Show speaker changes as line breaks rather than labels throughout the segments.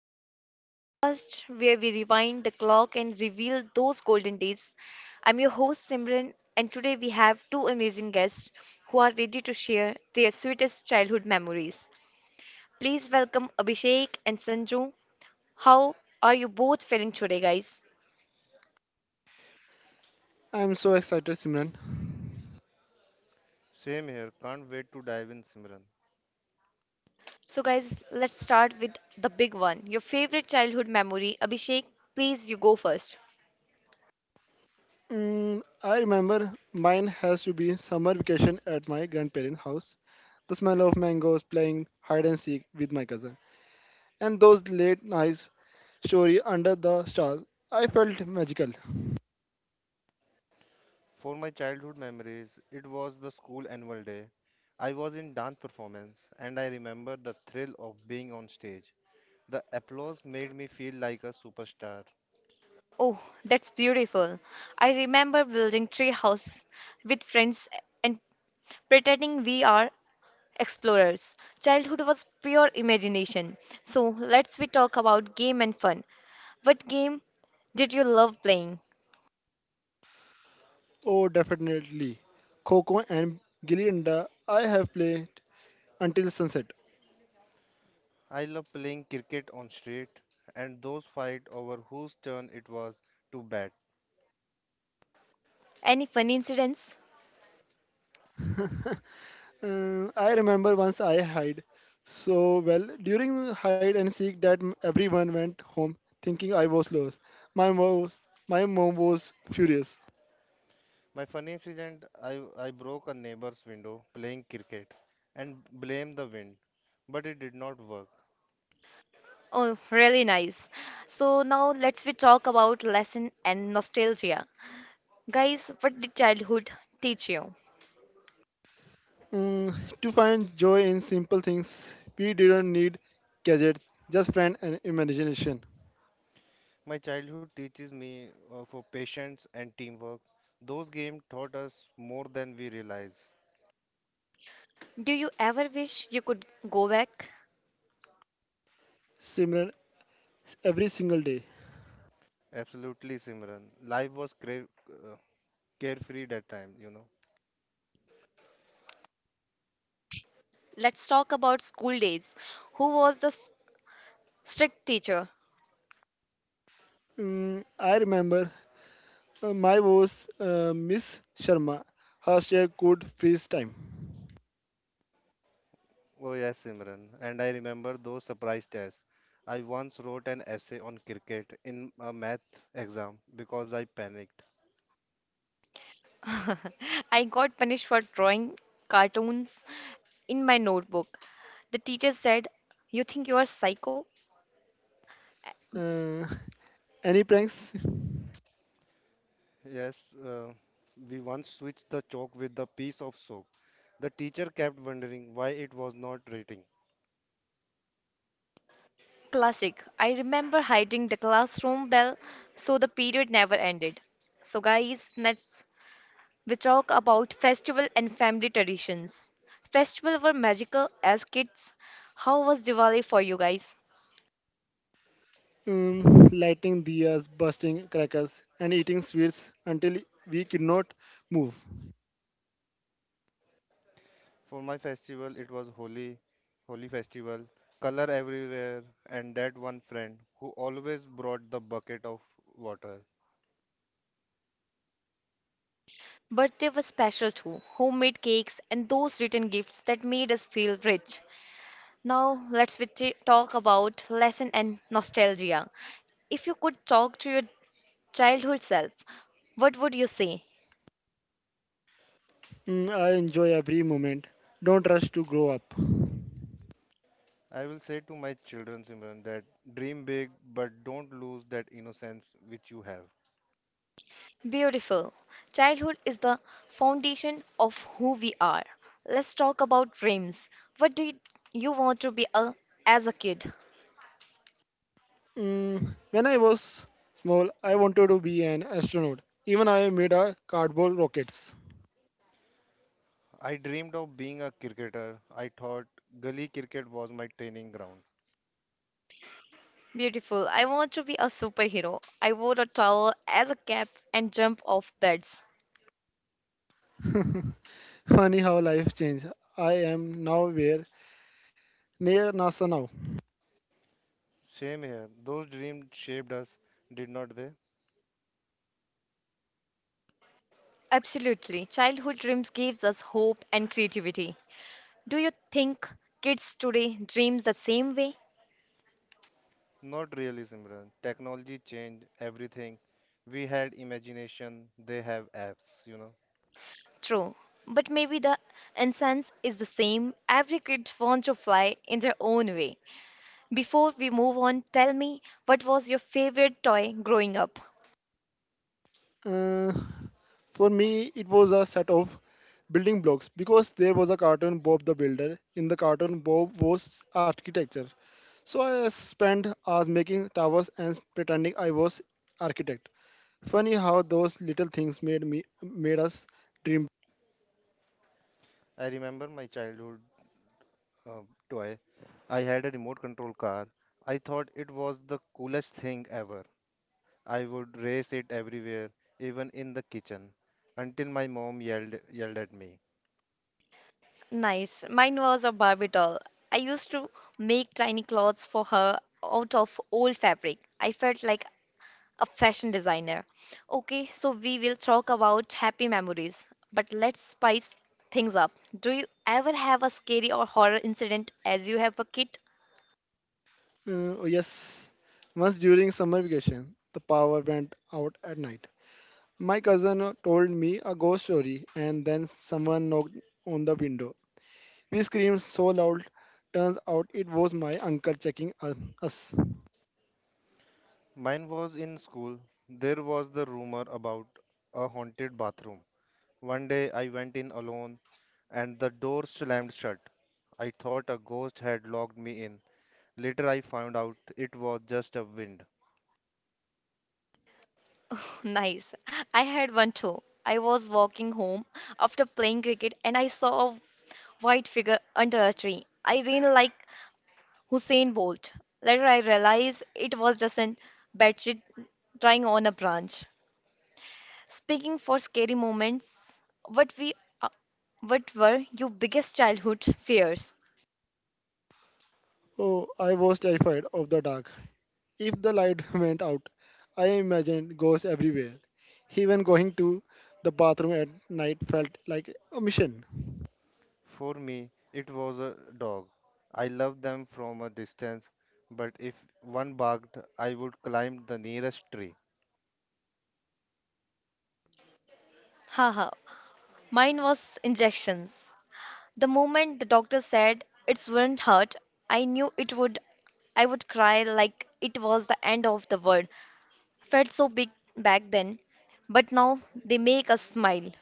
Childhood, the podcast where we rewind the clock and reveal those golden days. I'm your host, Simran, and today we have two amazing guests who are ready to share their sweetest childhood memories. Please welcome Abhishek and Sanju. How are you both feeling today, guys?
I'm so excited, Simran.
So, guys, let's start with the big one, your favorite childhood memory. Abhishek, please, you go first.
I remember mine has to be summer vacation at my grandparents' house. The smell of mangoes, playing hide and seek with my cousin. And those late nights story under the stars. I felt magical.
Oh, that's beautiful. I remember building tree house with friends and pretending we are explorers. Childhood was pure imagination. So let's we talk about game and fun. What game did you love playing?
Oh, definitely. Coco and Gilly Danda I have played until sunset.
Any fun incidents?
I remember once I hid. During the hide and seek, everyone went home thinking I was lost. My mom was, my mom was furious.
Oh, really nice. So now let's we talk about lesson and nostalgia. Guys, what did childhood teach you?
Mm, to find joy in simple things, we didn't need gadgets, just friend and imagination.
Do you ever wish you could go back?
Similar every single day.
Let's talk about school days. Who was the strict teacher.
I remember my boss, Miss Sharma, her chair could freeze time.
I got punished for drawing cartoons in my notebook. The teacher said, "You think you are psycho?"
Uh, any pranks?
Classic. I remember hiding the classroom bell so the period never ended. So, guys, next we talk about festival and family traditions. Festival were magical as kids. How was Diwali for you guys?
Lighting diyas, busting crackers, and eating sweets until we could not move.
But they were special too. Homemade cakes and those written gifts that made us feel rich. Now, talk about lesson and nostalgia. If you could talk to your childhood self, what would you say?
I enjoy every moment. Don't rush to grow up.
Beautiful. Childhood is the foundation of who we are. Let's talk about dreams. What did you want to be a, as a kid?
When I was small, I wanted to be an astronaut. Even I made a cardboard rockets.
Beautiful. I want to be a superhero. I wore a towel as a cap and jump off beds.
Funny how life changed. I am now where near NASA now.
Absolutely. Childhood dreams gives us hope and creativity. Do you think kids today dreams the same way? True, but maybe the essence is the same. Every kid wants to fly in their own way. Before we move on, tell me what was your favorite toy growing up?
Uh, for me, it was a set of building blocks because there was a cartoon, Bob the Builder. In the cartoon, Bob was architecture. So I spent hours making towers and pretending I was architect. Funny how those little things made us dream.
Nice. Mine was a Barbie doll. I used to make tiny clothes for her out of old fabric. I felt like a fashion designer. Okay, so we will talk about happy memories, but let's spice things up. Do you ever have a scary or horror incident as you have a kid?
Oh yes, once during summer vacation, the power went out at night. My cousin told me a ghost story, and then someone knocked on the window. We screamed so loud. Turns out it was my uncle checking us.
Oh, nice. I had one too. I was walking home after playing cricket and I saw a white figure under a tree. I ran like Hussein Bolt. Later, I realized it was just a bedsheet drying on a branch. Speaking for scary moments, uh, what were your biggest childhood fears?
Oh, I was terrified of the dark. If the light went out, I imagined ghosts everywhere. Even going to the bathroom at night felt like a mission.
Haha, mine was injections. The moment the doctor said it wouldn't hurt, I knew it would. I would cry like it was the end of the world. Felt so big back then, but now they make us smile.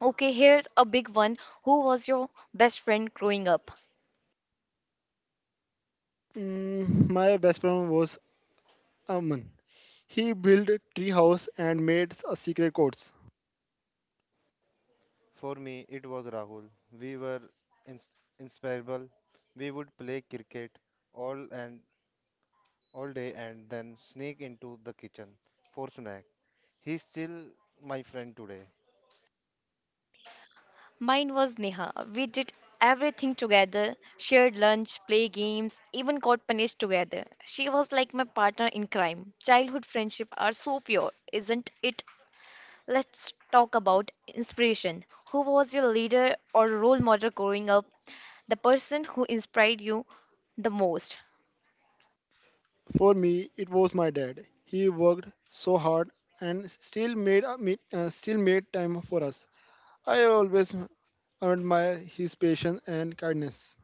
Okay, here's a big one. Who was your best friend growing up?
My best friend was Aman. He built a tree house and made a secret codes.
Mine was Neha. We did everything together, shared lunch, play games, even got punished together. She was like my partner in crime. Childhood friendship are so pure, isn't it? Let's talk about inspiration. Who was your leader or role model growing up? The person who inspired you the most.
For me, it was my dad. He worked so hard and still still made time for us. I always admire his patience and kindness.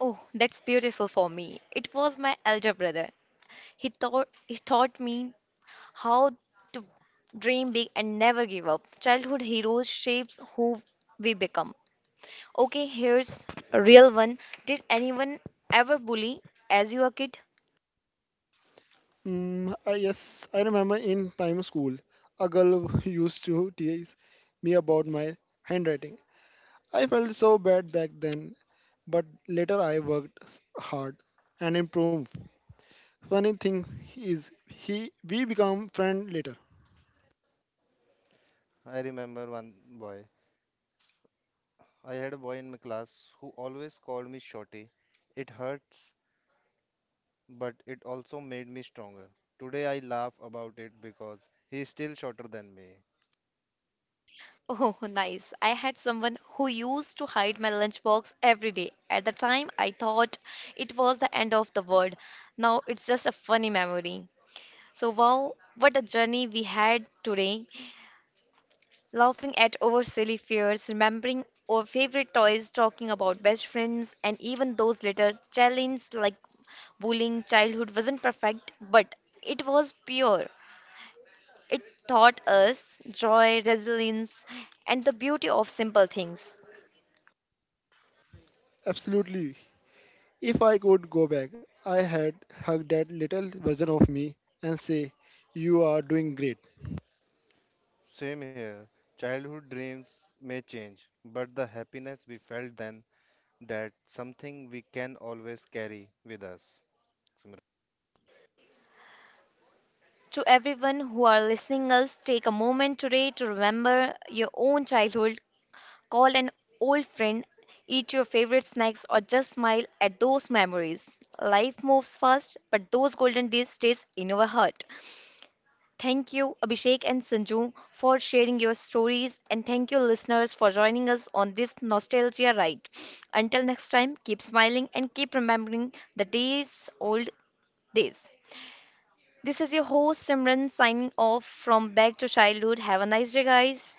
Oh, that's beautiful for me. It was my elder brother. He taught me how to dream big and never give up. Childhood heroes shapes who we become. Okay, here's a real one. Did anyone ever bully as you were a kid?
Yes, I remember in primary school, a girl used to tease me about my handwriting. I felt so bad back then, but later I worked hard and improved. Funny thing is, he we become friends later.
Oh, nice. I had someone who used to hide my lunchbox every day. At the time, I thought it was the end of the world. Now it's just a funny memory. So, wow, what a journey we had today. Laughing at our silly fears, remembering our favorite toys, talking about best friends, and even those little challenges like bullying. Childhood wasn't perfect, but it was pure. It taught us joy, resilience, and the beauty of simple things.
Absolutely. If I could go back, I had hugged that little version of me and say, "You are doing great."
To everyone who are listening us, take a moment today to remember your own childhood. Call an old friend, eat your favorite snacks, or just smile at those memories. Life moves fast, but those golden days stays in our heart. Thank you, Abhishek and Sanju, for sharing your stories, and thank you, listeners, for joining us on this nostalgia ride. Until next time, keep smiling and keep remembering the days old days. This is your host Simran signing off from Back to Childhood. Have a nice day, guys.